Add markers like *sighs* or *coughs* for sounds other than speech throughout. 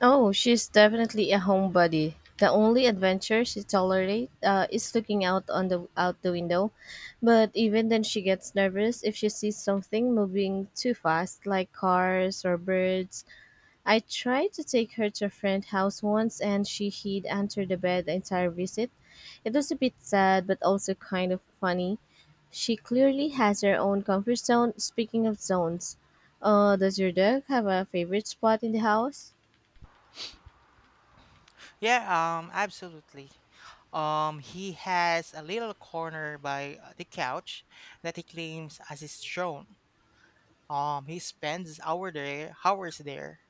Oh, she's definitely a homebody. The only adventure she tolerates is looking out on the window, but even then she gets nervous if she sees something moving too fast, like cars or birds. I tried to take her to a friend's house once, and she hid under the bed the entire visit. It was a bit sad, but also kind of funny. She clearly has her own comfort zone. Speaking of zones, does your dog have a favorite spot in the house? Yeah, Absolutely. He has a little corner by the couch that he claims as his throne. He hours there,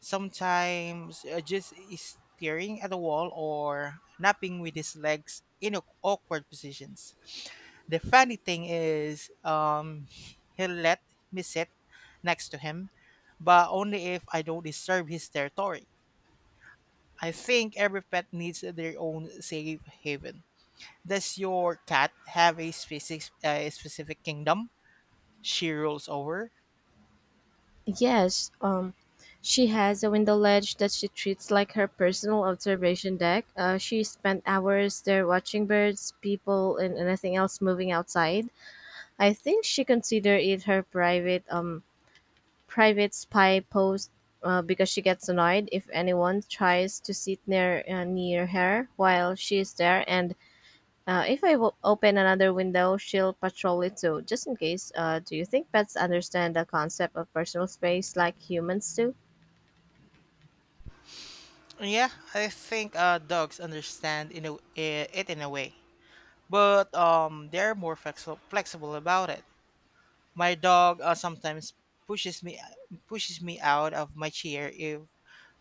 sometimes just is staring at the wall or napping with his legs in awkward positions. The funny thing is, he'll let me sit next to him, but only if I don't disturb his territory. I think every pet needs their own safe haven. Does your cat have a specific kingdom she rules over? Yes, she has a window ledge that she treats like her personal observation deck. She spent hours there watching birds, people, and anything else moving outside. I think she considered it her private spy post because she gets annoyed if anyone tries to sit near her while she is there. And if I open another window, she'll patrol it too, just in case. Do you think pets understand the concept of personal space like humans do? Yeah, I think dogs understand in a, eh, it in a way, but they're more flexible about it. My dog sometimes pushes me pushes me out of my chair if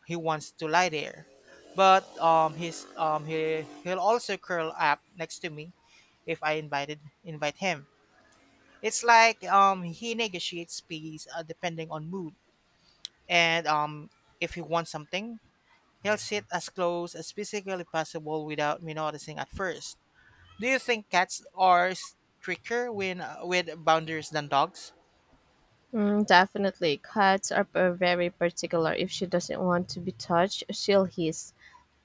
he wants to lie there, but he'll also curl up next to me if I invite him. It's like he negotiates peace depending on mood, and if he wants something, he'll sit as close as physically possible without me noticing at first. Do you think cats are stricter when with boundaries than dogs? Mm, definitely. Cats are very particular. If she doesn't want to be touched, she'll hiss,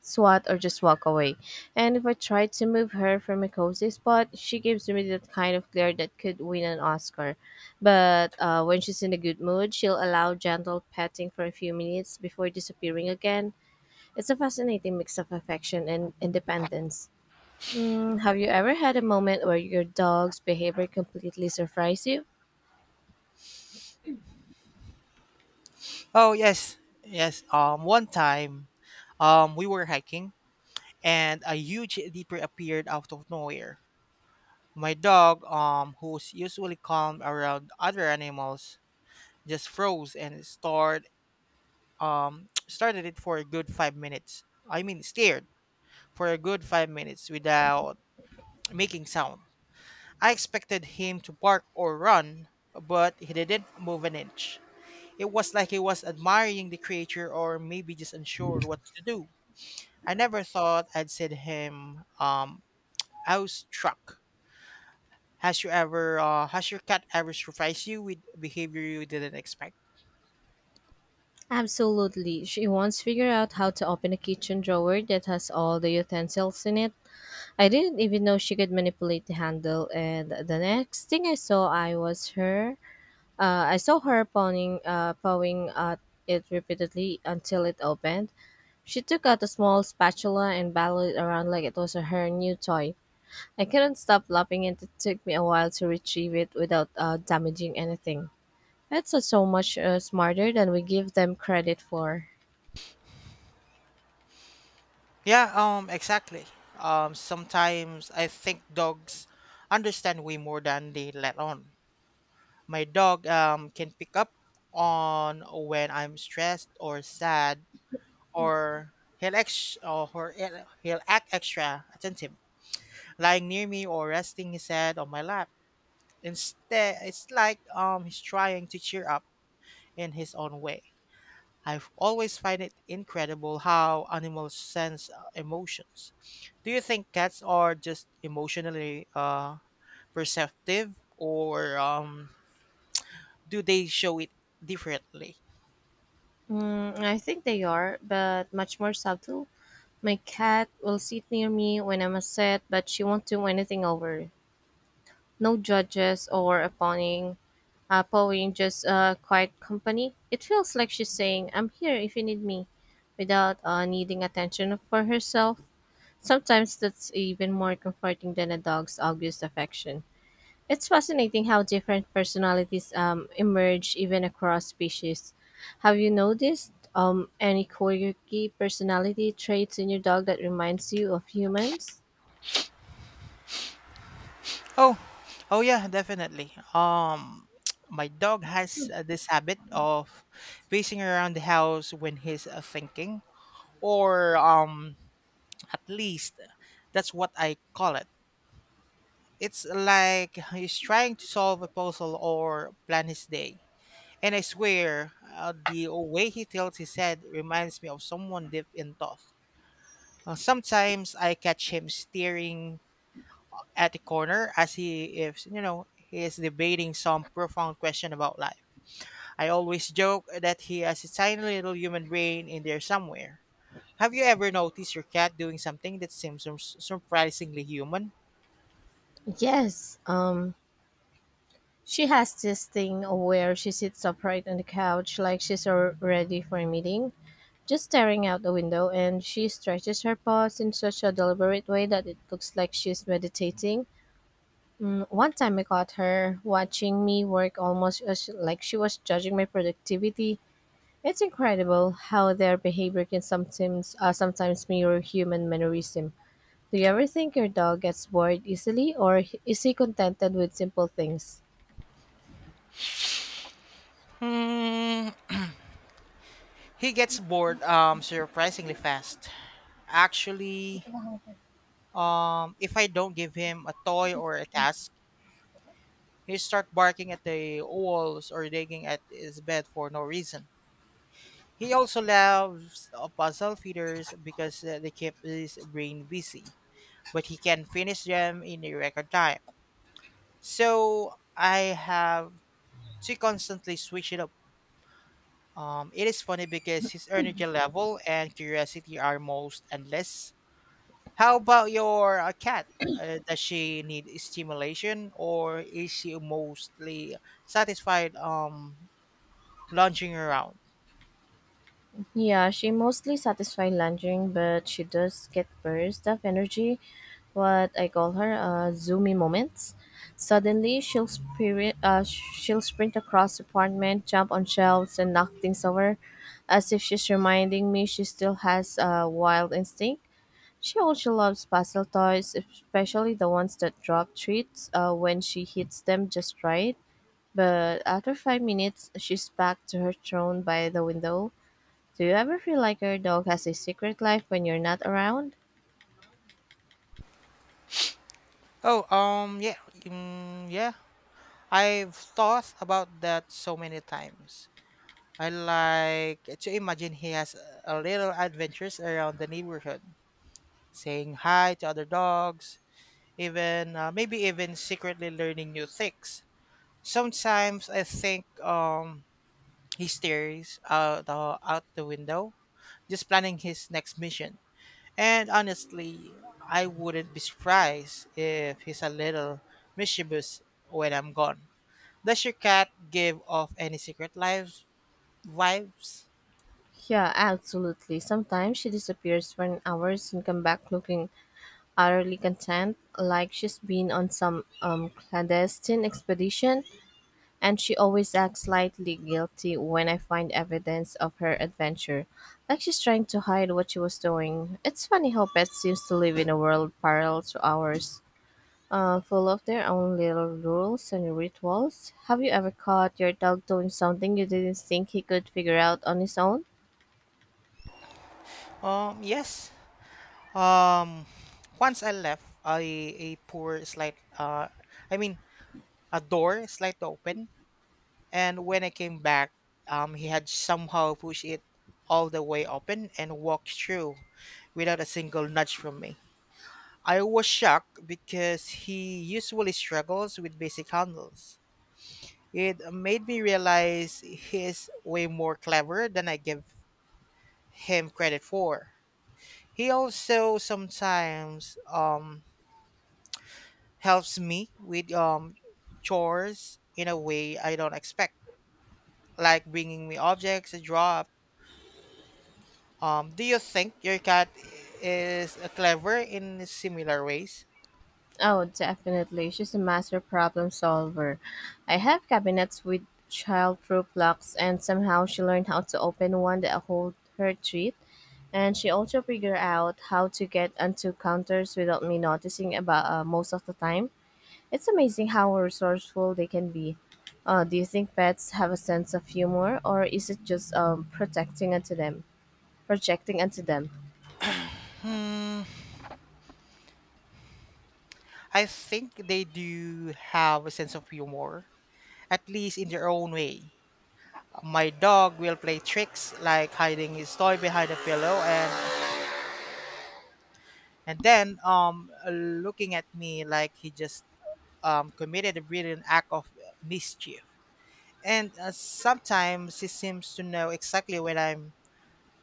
swat, or just walk away. And if I try to move her from a cozy spot, she gives me that kind of glare that could win an Oscar. But when she's in a good mood, she'll allow gentle petting for a few minutes before disappearing again. It's a fascinating mix of affection and independence. Mm, have you ever had a moment where your dog's behavior completely surprised you? Oh yes. One time, we were hiking and a huge deer appeared out of nowhere. My dog, who's usually calm around other animals, just froze and stared *tsk* started it for a good 5 minutes. I mean stared for a good 5 minutes without making sound. I expected him to bark or run, but he didn't move an inch. It was like he was admiring the creature or maybe just unsure what to do. I never thought I'd said to him. I was struck. Has your cat ever surprised you with behavior you didn't expect? Absolutely. She once figured out how to open a kitchen drawer that has all the utensils in it. I didn't even know she could manipulate the handle, and the next thing I saw, I was her. I saw her pawing at it repeatedly until it opened. She took out a small spatula and battled it around like it was her new toy. I couldn't stop laughing, and it took me a while to retrieve it without damaging anything. Pets are so much smarter than we give them credit for. Yeah, exactly. Sometimes I think dogs understand way more than they let on. My dog can pick up on when I'm stressed or sad, or he'll ex or he'll he'll act extra attentive, lying near me or resting his head on my lap. Instead, it's like he's trying to cheer up in his own way. I've always find it incredible how animals sense emotions. Do you think cats are just emotionally perceptive, or do they show it differently? Mm, I think they are, but much more subtle. My cat will sit near me when I'm upset, but she won't do anything over. No judges or appointing, pawing, just quiet company. It feels like she's saying, I'm here if you need me, without needing attention for herself. Sometimes that's even more comforting than a dog's obvious affection. It's fascinating how different personalities emerge even across species. Have you noticed any quirky personality traits in your dog that reminds you of humans? Oh, oh, yeah, definitely. *tsk* My dog has this habit of pacing around the house when he's thinking, or at least that's what I call it. It's like he's trying to solve a puzzle or plan his day. And I swear, the way he tilts his head reminds me of someone deep in thought. Sometimes I catch him staring at the corner as he if you know he is debating some profound question about life. I always joke that he has a tiny little human brain in there somewhere. Have you ever noticed your cat doing something that seems surprisingly human? Yes. She has this thing where she sits upright on the couch like she's ready for a meeting, just staring out the window, and she stretches her paws in such a deliberate way that it looks like she's meditating. Mm, one time I caught her watching me work almost as like she was judging my productivity. It's incredible how their behavior can sometimes mirror human mannerism. Do you ever think your dog gets bored easily, or is he contented with simple things? Hmm, he gets bored surprisingly fast. Actually, if I don't give him a toy or a task, he start barking at the walls or digging at his bed for no reason. He also loves puzzle feeders because they keep his brain busy, but he can finish them in a record time. So I have to constantly switch it up. It is funny because his energy level and curiosity are most endless. How about your cat? Does she need stimulation or is she mostly satisfied lounging around? Yeah, she mostly satisfies lunging, but she does get bursts of energy, what I call her zoomy moments. Suddenly, she'll sprint across the apartment, jump on shelves, and knock things over, as if she's reminding me she still has a wild instinct. She also loves puzzle toys, especially the ones that drop treats when she hits them just right. But after 5 minutes, she's back to her throne by the window. Do you ever feel like your dog has a secret life when you're not around? Oh, yeah. Mm, yeah. I've thought about that so many times. I like to imagine he has a little adventures around the neighborhood, saying hi to other dogs, even maybe even secretly learning new things. Sometimes I think he stares out out the window, just planning his next mission. And honestly, I wouldn't be surprised if he's a little mischievous when I'm gone. Does your cat give off any secret lives vibes? Yeah, absolutely. Sometimes she disappears for an hours and come back looking utterly content, like she's been on some clandestine expedition, and she always acts slightly guilty when I find evidence of her adventure, like she's trying to hide what she was doing. It's funny how pets seems to live in a world parallel to ours, full of their own little rules and rituals. Have you ever caught your dog doing something you didn't think he could figure out on his own? Yes. Um, Once I left, I a poor slight I mean a door slightly open, and when I came back, he had somehow pushed it all the way open and walked through without a single nudge from me. I was shocked because he usually struggles with basic handles. It made me realize he is way more clever than I give him credit for. He also sometimes helps me with chores in a way I don't expect, like bringing me objects to drop. Do you think your cat is clever in similar ways? Oh, definitely. She's a master problem solver. I have cabinets with childproof locks, and somehow she learned how to open one that hold her treat. And she also figured out how to get onto counters without me noticing about most of the time. It's amazing how resourceful they can be. Do you think pets have a sense of humor, or is it just projecting unto them? Hmm, I think they do have a sense of humor, at least in their own way. My dog will play tricks like hiding his toy behind a pillow and then looking at me like he just committed a brilliant act of mischief. And sometimes he seems to know exactly when I'm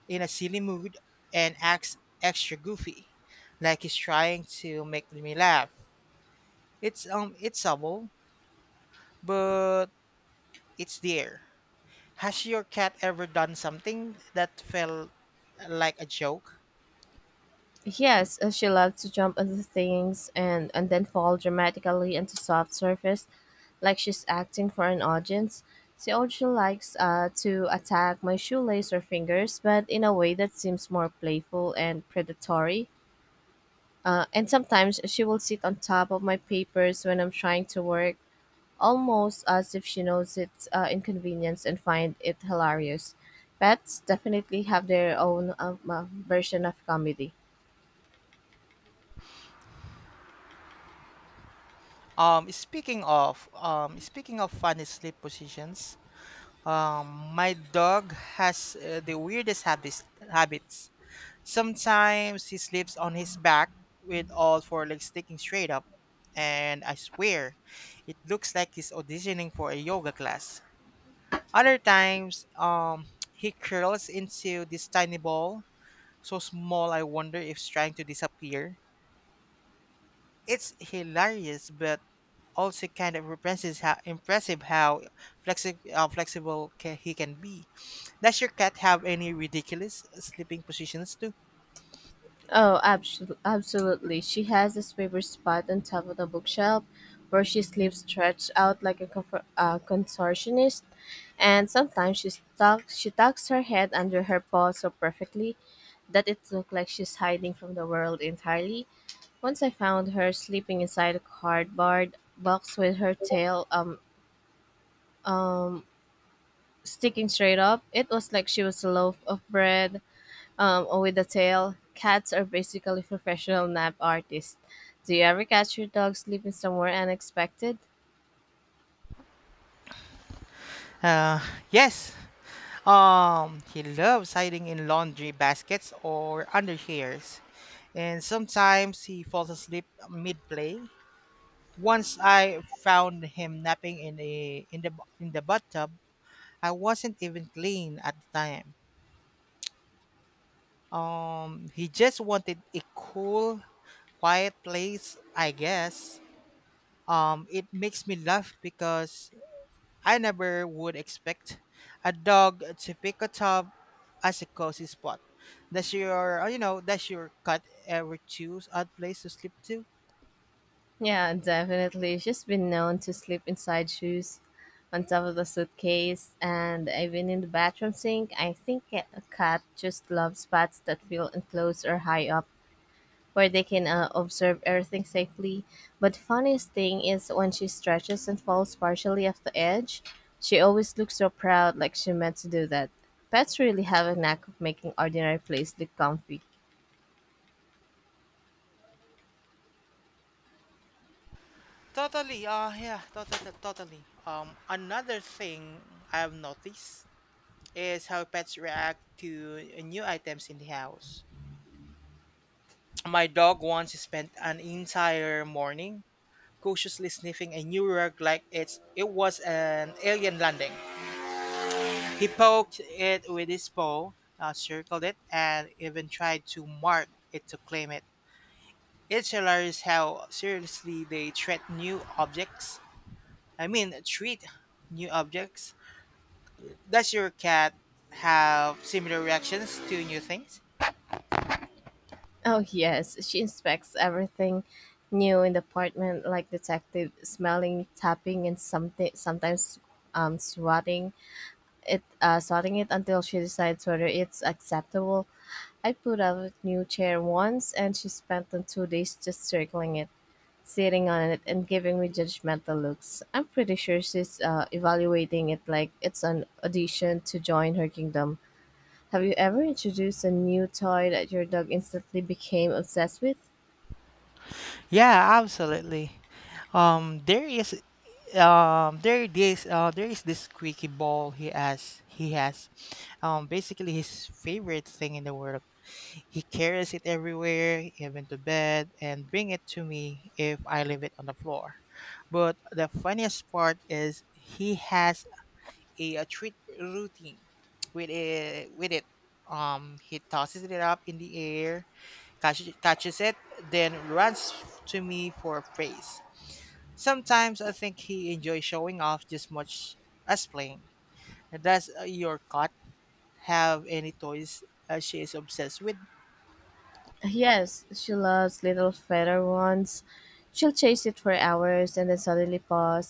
in a silly mood and acts extra goofy, like he's trying to make me laugh. It's subtle, but it's there. Has your cat ever done something that felt like a joke? Yes, she loves to jump onto things and then fall dramatically into soft surface, like she's acting for an audience. She also likes to attack my shoelace or fingers, but in a way that seems more playful and predatory. And sometimes she will sit on top of my papers when I'm trying to work almost as if she knows it's inconvenience and find it hilarious. Pets definitely have their own version of comedy. Speaking of funny sleep positions, my dog has the weirdest habits. Sometimes he sleeps on his back with all four legs sticking straight up, and I swear, it looks like he's auditioning for a yoga class. Other times, *tsk* he curls into this tiny ball, so small I wonder if it's trying to disappear. It's hilarious, but also kind of impressive how flexible he can be. Does your cat have any ridiculous sleeping positions too? Oh, absolutely, absolutely. She has this favorite spot on top of the bookshelf where she sleeps stretched out like a contortionist, and sometimes she tucks her head under her paw so perfectly that it looks like she's hiding from the world entirely. Once I found her sleeping inside a cardboard box with her tail um sticking straight up. It was like she was a loaf of bread or with a tail. Cats are basically professional nap artists. Do you ever catch your dog sleeping somewhere unexpected? Uh, yes. He loves hiding in laundry baskets or under chairs, and sometimes he falls asleep mid-play. Once I found him napping in a in the bu- in the bathtub. I wasn't even clean at the time. He just wanted a cool, quiet place, I guess. It makes me laugh because I never would expect a dog to pick a tub as a cozy spot. Does your does your cat ever choose odd place to sleep to? Yeah, definitely. She's been known to sleep inside shoes, on top of the suitcase, and even in the bathroom sink. I think a cat just loves spots that feel enclosed or high up, where they can observe everything safely. But funniest thing is when she stretches and falls partially off the edge, she always looks so proud, like she meant to do that. Pets really have a knack of making ordinary place look comfy. Totally. Yeah, totally. Another thing I've noticed is how pets react to new items in the house. My dog once spent an entire morning cautiously sniffing a new rug like it was an alien landing. He poked it with his paw, circled it, and even tried to mark it to claim it. It's hilarious how seriously they treat new objects. Does your cat have similar reactions to new things? Oh yes, she inspects everything new in the apartment, like detective smelling, tapping, and something sometimes swatting it, sorting it until she decides whether it's acceptable. I put out a new chair once, and she spent the two days just circling it, sitting on it, and giving me judgmental looks. I'm pretty sure she's evaluating it like it's an audition to join her kingdom. Have you ever introduced a new toy that your dog instantly became obsessed with? Yeah, absolutely. Um, there is there is this squeaky ball he has basically his favorite thing in the world. He carries it everywhere, even to bed, and bring it to me if I leave it on the floor. But the funniest part is he has a treat routine with it. He tosses it up in the air, catches it, then runs to me for a face. Sometimes I think he enjoys showing off just much as playing. Does your cat have any toys she is obsessed with? Yes, she loves little feather ones. She'll chase it for hours and then suddenly pause,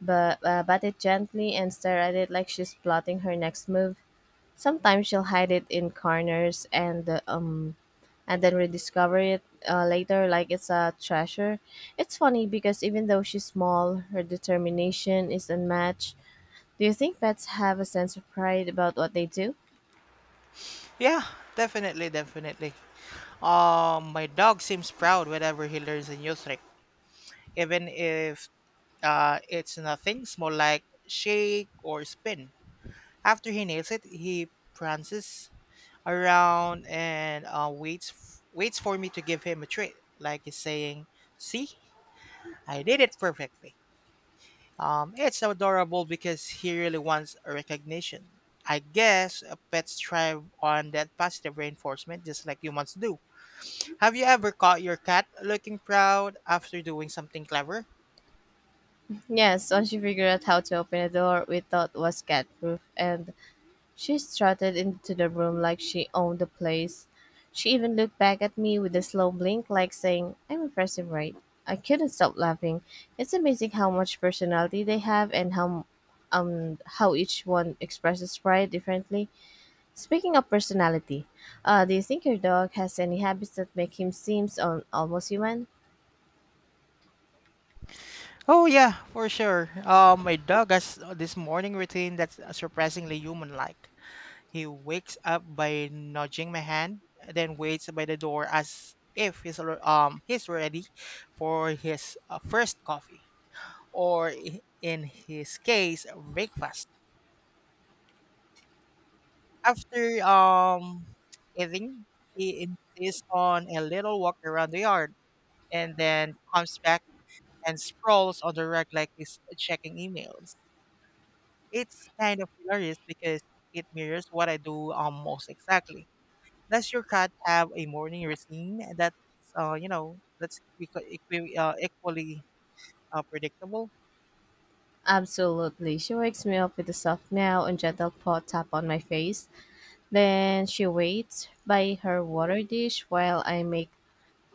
but bat it gently and stare at it like she's plotting her next move. Sometimes she'll hide it in corners and then rediscover it later like it's a treasure. It's funny because even though she's small, her determination is unmatched. Do you think pets have a sense of pride about what they do? Yeah, definitely. My dog seems proud whenever he learns a new trick, even if it's nothing small like shake or spin. After he nails it, he prances around and waits for me to give him a treat, like he's saying, "See, I did it perfectly." It's adorable because he really wants a recognition. I guess pets thrive on that positive reinforcement just like humans do. Have you ever caught your cat looking proud after doing something clever? Yes, once she figured out how to open a door we thought was cat proof, and she strutted into the room like she owned the place. She even looked back at me with a slow blink, like saying, I'm impressive, right? I couldn't stop laughing. It's amazing how much personality they have and how each one expresses pride differently. Speaking of personality, do you think your dog has any habits that make him seem almost human? Oh yeah, for sure. My dog has this morning routine that's surprisingly human-like. He wakes up by nudging my hand, then waits by the door as if he's ready for his first coffee, or in his case, breakfast. After eating, he insists on a little walk around the yard and then comes back and scrolls on the rug like he's checking emails. It's kind of hilarious because it mirrors what I do almost exactly. Does your cat have a morning routine that's that's equally predictable? Absolutely. She wakes me up with a soft meow and gentle paw tap on my face. Then she waits by her water dish while I make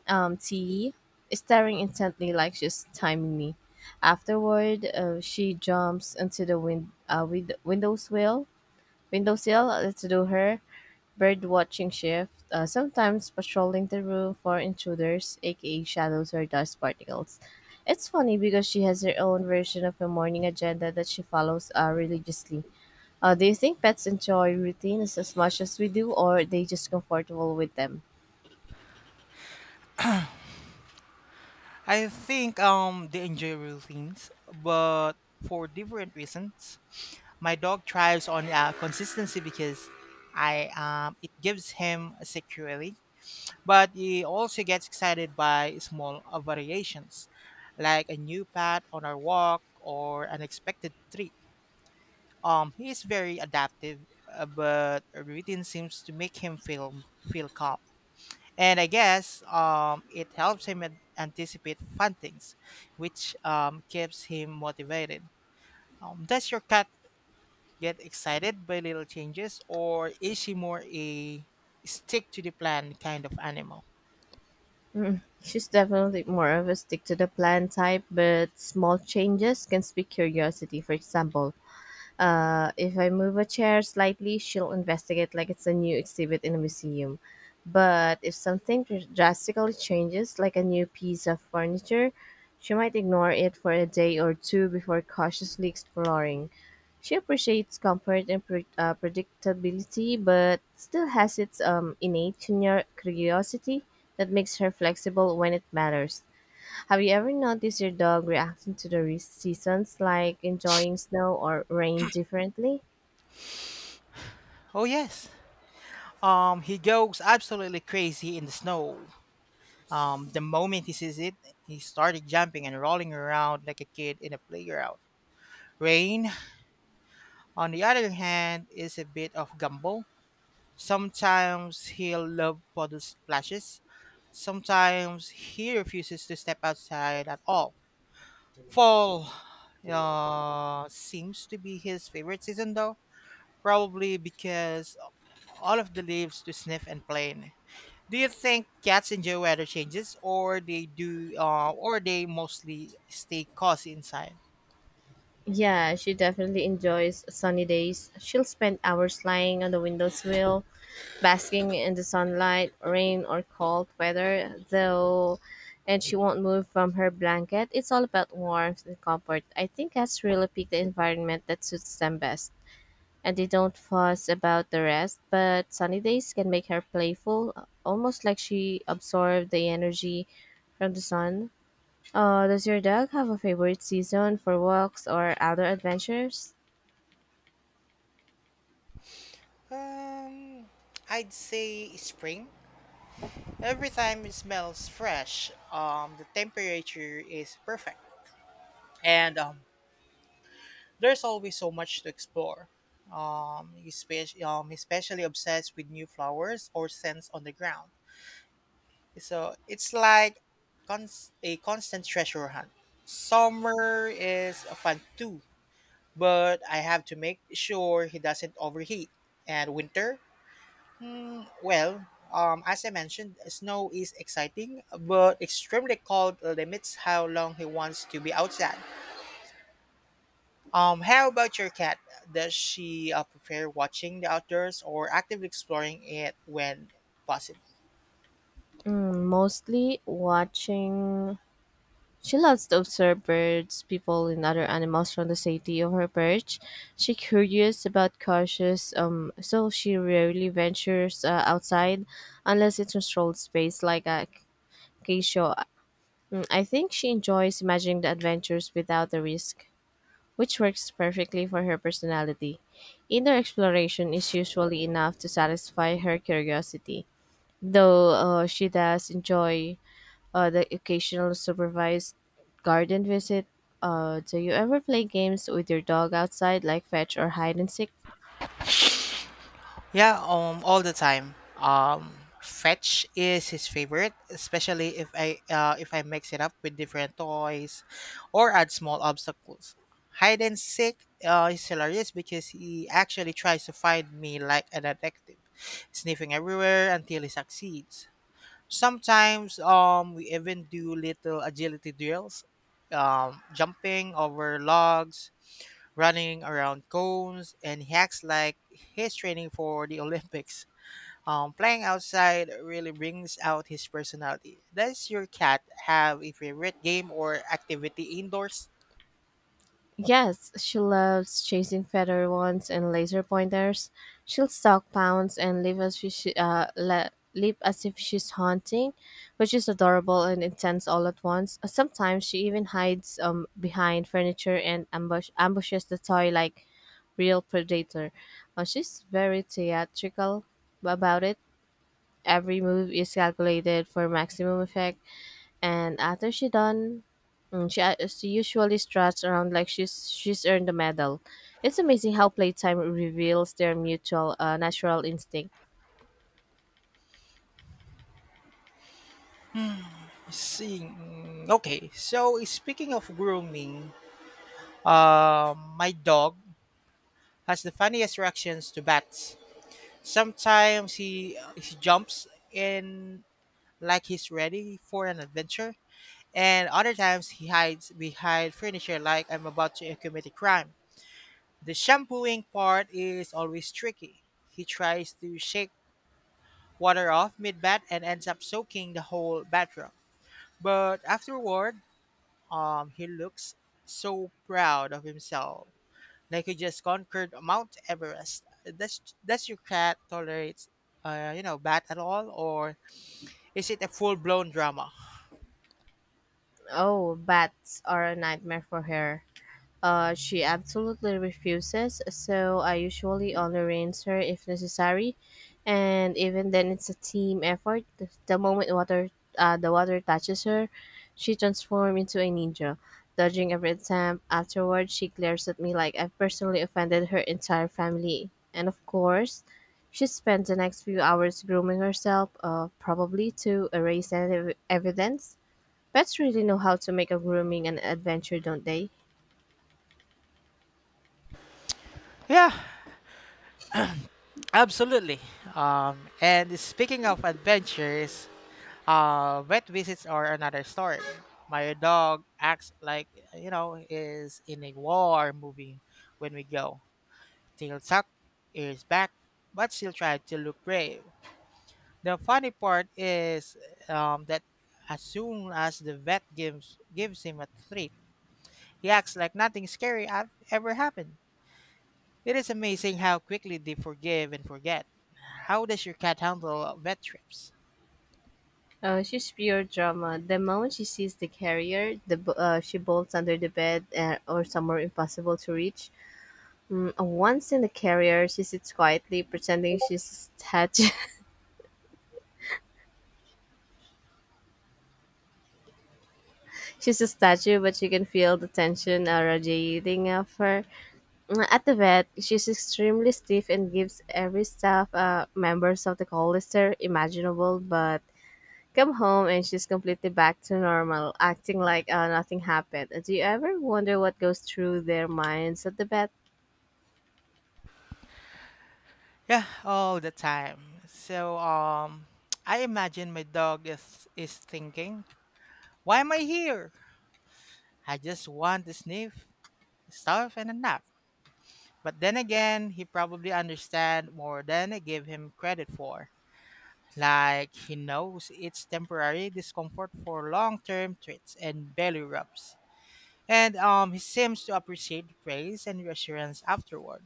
tea, staring intently like she's timing me. Afterward, she jumps onto the windowsill to do her bird watching shift, sometimes patrolling the room for intruders, aka shadows or dust particles. It's funny because she has her own version of a morning agenda that she follows religiously. Do you think pets enjoy routines as much as we do, or are they just comfortable with them? I think they enjoy routines, but for different reasons. My dog thrives on consistency because I it gives him security, but he also gets excited by small variations, like a new path on our walk or unexpected treat. He is very adaptive, but routine seems to make him feel calm, and I guess it helps him anticipate fun things, which keeps him motivated. Does your cat get excited by little changes, or is she more a stick to the plan kind of animal? She's definitely more of a stick to the plan type, but small changes can speak curiosity. For example, if I move a chair slightly, she'll investigate like it's a new exhibit in a museum. But if something drastically changes, like a new piece of furniture, she might ignore it for a day or two before cautiously exploring. She appreciates comfort and predictability, but still has its innate curiosity that makes her flexible when it matters. Have you ever noticed your dog reacting to the seasons, like enjoying snow or rain differently? Oh yes, he goes absolutely crazy in the snow. The moment he sees it, he started jumping and rolling around like a kid in a playground. Rain, on the other hand, is a bit of gumbo. Sometimes he'll love puddle splashes. Sometimes he refuses to step outside at all. Fall seems to be his favorite season, though, probably because all of the leaves to sniff and play in. Do you think cats enjoy weather changes, or they do, or they mostly stay cozy inside? Yeah, she definitely enjoys sunny days. She'll spend hours lying on the windowsill, basking in the sunlight, rain or cold weather, though, and she won't move from her blanket. It's all about warmth and comfort. I think cats really pick the environment that suits them best. And they don't fuss about the rest, but sunny days can make her playful, almost like she absorbed the energy from the sun. Does your dog have a favorite season for walks or outdoor adventures? Um, I'd say spring. Every time it smells fresh, the temperature is perfect. And there's always so much to explore. Um, especially obsessed with new flowers or scents on the ground. So it's like a constant treasure hunt. Summer is fun too, but I have to make sure he doesn't overheat. And winter, well, as I mentioned, snow is exciting, but extremely cold limits how long he wants to be outside. How about your cat? Does she prefer watching the outdoors or actively exploring it when possible? Mm, mostly watching. She loves to observe birds, people, and other animals from the safety of her perch. She curious but cautious, so she rarely ventures outside unless it's controlled space like a acacia. I think she enjoys imagining the adventures without the risk, which works perfectly for her personality. Inner exploration is usually enough to satisfy her curiosity, though she does enjoy the occasional supervised garden visit. Do you ever play games with your dog outside, like fetch or hide and seek? Yeah, all the time. Fetch is his favorite, especially if I mix it up with different toys, or add small obstacles. Hide and seek is hilarious because he actually tries to find me like a detective, sniffing everywhere until he succeeds. Sometimes we even do little agility drills, jumping over logs, running around cones, and hacks like his training for the *laughs* Olympics. Playing outside really brings out his personality. Does your cat have a favorite game or activity indoors? Yes, she loves chasing feather wands and laser pointers. She'll stalk pounds and live as if she, leap as if she's haunting, which is adorable and intense all at once. Sometimes she even hides behind furniture and ambushes the toy like real predator. She's very theatrical about it. Every move is calculated for maximum effect. And after she done, she usually struts around like she's earned the medal. It's amazing how playtime reveals their mutual natural instinct. Seeing. Okay, so speaking of grooming, my dog has the funniest reactions to bats. Sometimes he jumps in like he's ready for an adventure, and other times he hides behind furniture like I'm about to commit a crime. The shampooing part is always tricky. He tries to shake water off mid bath and ends up soaking the whole bathroom. But afterward, he looks so proud of himself, like he just conquered Mount Everest. Does your cat tolerates, bat at all, or is it a full blown drama? Oh, bats are a nightmare for her. She absolutely refuses, so I usually only rinse her if necessary, and even then it's a team effort. The moment water, the water touches her, she transforms into a ninja, dodging every attempt. Afterwards, she glares at me like I've personally offended her entire family, and of course, she spent the next few hours grooming herself, probably to erase any evidence. Pets really know how to make a grooming an adventure, don't they? Yeah, absolutely. And speaking of adventures, vet visits are another story. My dog acts like you know is in a war movie when we go. Tail tucked, ears back, but still try to look brave. The funny part is that as soon as the vet gives him a treat, he acts like nothing scary have ever happened. It is amazing how quickly they forgive and forget. How does your cat handle vet trips? She's pure drama. The moment she sees the carrier, she bolts under the bed or somewhere impossible to reach. Mm, once in the carrier, she sits quietly, pretending she's a statue. *laughs* She's a statue, but you can feel the tension radiating of her. Mm, at the vet, she's extremely stiff and gives every staff members of the call lister imaginable, but come home and she's completely back to normal, acting like nothing happened. Do you ever wonder what goes through their minds at the bed? Yeah, all the time. So *tsk* I imagine my dog is thinking, "Why am I here? I just want to sniff, stuff and a nap." But then again, he probably understand more than I give him credit for. Like he knows it's temporary discomfort for long-term treats and belly rubs. And he seems to appreciate the praise and reassurance afterward.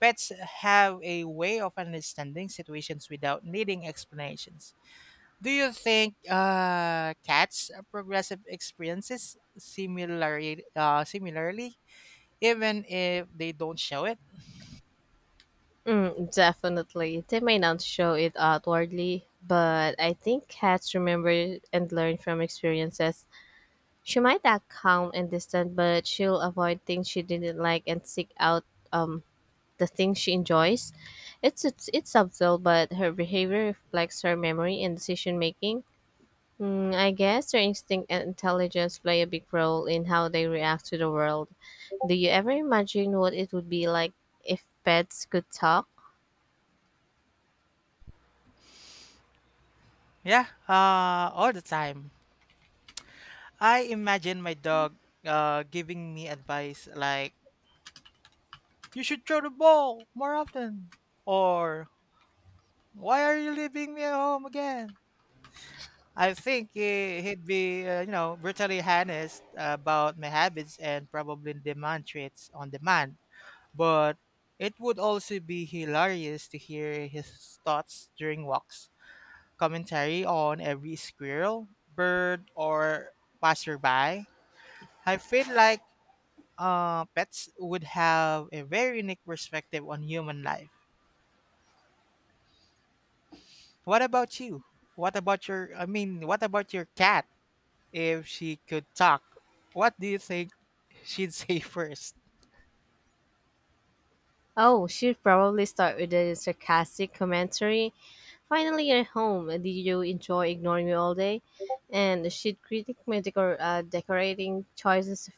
Pets have a way of understanding situations without needing explanations. Do you think cats' progressive experiences similarly, even if they don't show it? Mm, definitely. They may not show it outwardly, but I think cats remember and learn from experiences. She might act calm and distant, but she'll avoid things she didn't like and seek out um the things she enjoys. It's subtle, but her behavior reflects her memory and decision making. Mm, I guess their instinct and intelligence play a big role in how they react to the world. Do you ever imagine what it would be like if pets could talk? Yeah, all the time. I imagine my dog giving me advice like, you should throw the ball more often. Or, why are you leaving me at home again? I think he'd be, brutally honest about my habits and probably demand traits on demand. But it would also be hilarious to hear his thoughts during walks, commentary on every squirrel, bird, or passerby. I feel like pets would have a very unique perspective on human life. What about you? What about your cat if she could talk? What do you think she'd *laughs* say first? Oh, she'd probably start with a sarcastic commentary. Finally, you're home. Did you enjoy ignoring me all day? And she'd critique my decorating choices,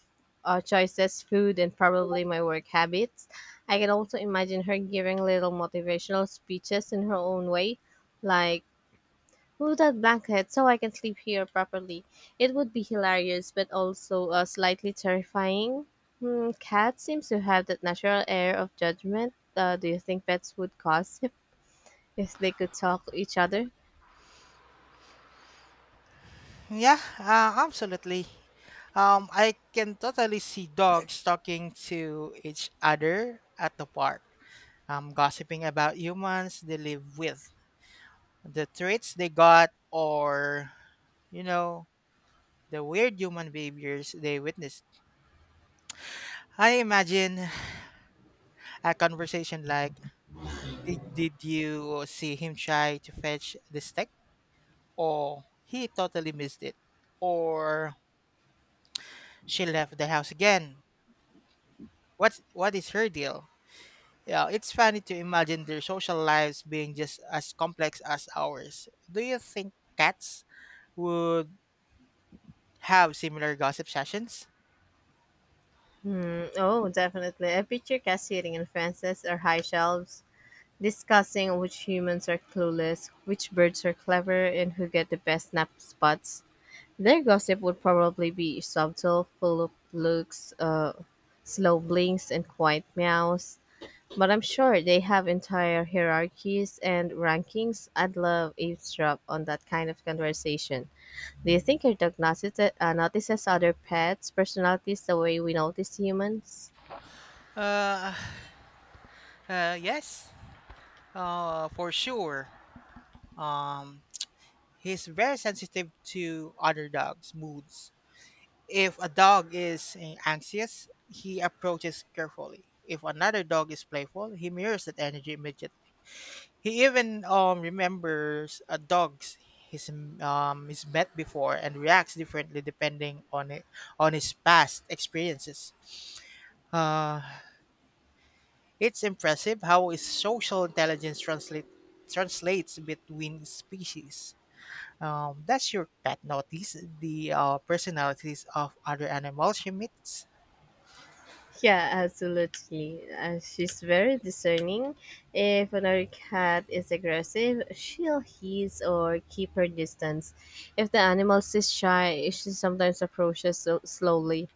uh, choices, food, and probably my work habits. I can also imagine her giving little motivational speeches in her own way, like move that blanket so I can sleep here properly. It would be hilarious, but also slightly terrifying. Hmm, cats seems to have that natural air of judgment. Do you think pets would gossip *laughs* if they could talk to each other? Yeah, absolutely. I can totally see dogs talking to each other at the park, gossiping about humans they live with, the traits they got, or you know the weird human behaviors they witnessed. I imagine a conversation like, did you see him try to fetch the stick? Or he totally missed it? Or she left the house again? What is her deal? Yeah, it's funny to imagine their social lives being just as complex as ours. Do you think cats would have similar gossip sessions? Oh, definitely. I picture Cassidy and fences or high shelves, discussing which humans are clueless, which birds are clever, and who get the best nap spots. Their gossip would probably be subtle, full of looks, slow blinks, and quiet meows. But I'm sure they have entire hierarchies and rankings. I'd love eavesdrop on that kind of conversation. Do you think your dog notices other pets' personalities the way we notice humans? Uh, *sighs* yes, for sure. Um, He's very sensitive to other dogs' moods. If a dog is anxious, he approaches carefully. If another dog is playful, he mirrors that energy immediately. He even remembers a dog's he's he's met before and reacts differently depending on it on his past experiences. Uh, it's impressive how his social translates between species. Does your pet notice the personalities of other animals she meets? Yeah, absolutely. She's very discerning. If another cat is aggressive, she'll hiss or keep her distance. If the animal is shy, she sometimes approaches so slowly,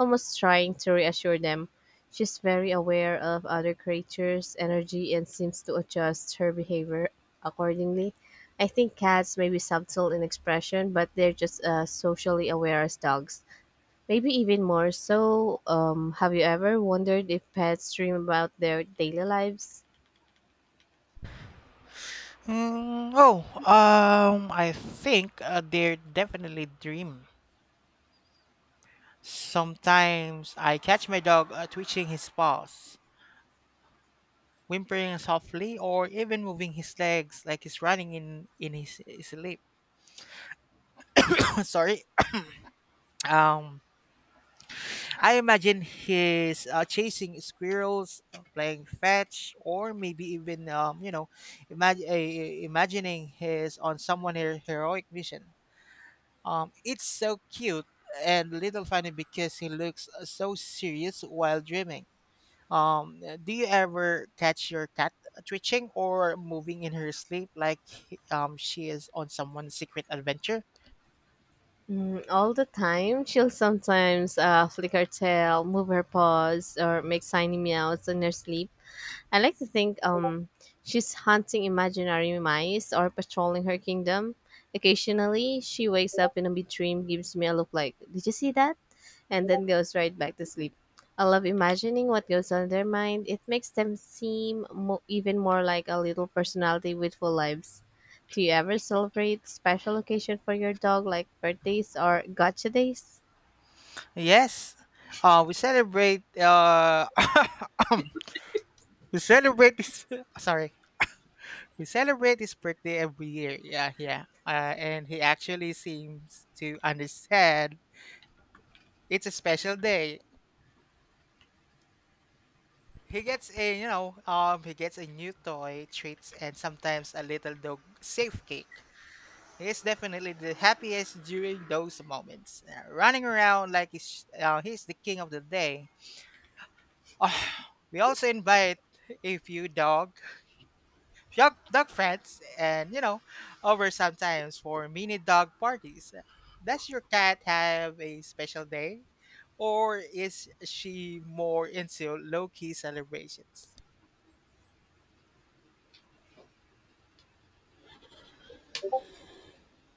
almost trying to reassure them. She's very aware of other creatures' energy and seems to adjust her behavior accordingly. I think cats may be subtle in expression, but they're just as socially aware as dogs. Maybe even more so. Have you ever wondered if pets dream about their daily lives? Oh, I think they definitely dream. Sometimes I catch my dog twitching his paws, whimpering softly, or even moving his legs like he's running in his sleep. *laughs* *coughs* Sorry. Um, I imagine he's chasing squirrels, playing fetch, or maybe even imagining he's on heroic mission. It's so cute and little funny because he looks so serious while dreaming. Do you ever catch your cat twitching or moving in her sleep like she is on someone's secret adventure? Mm, all the time. *laughs* She'll sometimes flick her tail, move her paws, or make tiny meows in her sleep. I like to think she's hunting imaginary mice or patrolling her kingdom. Occasionally, she wakes up in a big dream, gives me a look like, did you see that? And then goes right back to sleep. I love imagining what goes on in their mind. It makes them seem even more like a little personality with full lives. Do you ever celebrate special occasion for your dog like birthdays or gotcha days? Yes, we celebrate. *coughs* We celebrate this. *laughs* Sorry, we celebrate his birthday every year. Yeah, yeah. And he actually seems to understand it's a special day. He gets a he gets a new toy, treats, and sometimes a little dog safe cake. He is definitely the happiest during those moments, running around like he's the king of the day. *sighs* Oh, we also invite a few dogs dog, dog friends and you know over sometimes for mini dog parties. Does your cat have a special day or is she more into low-key celebrations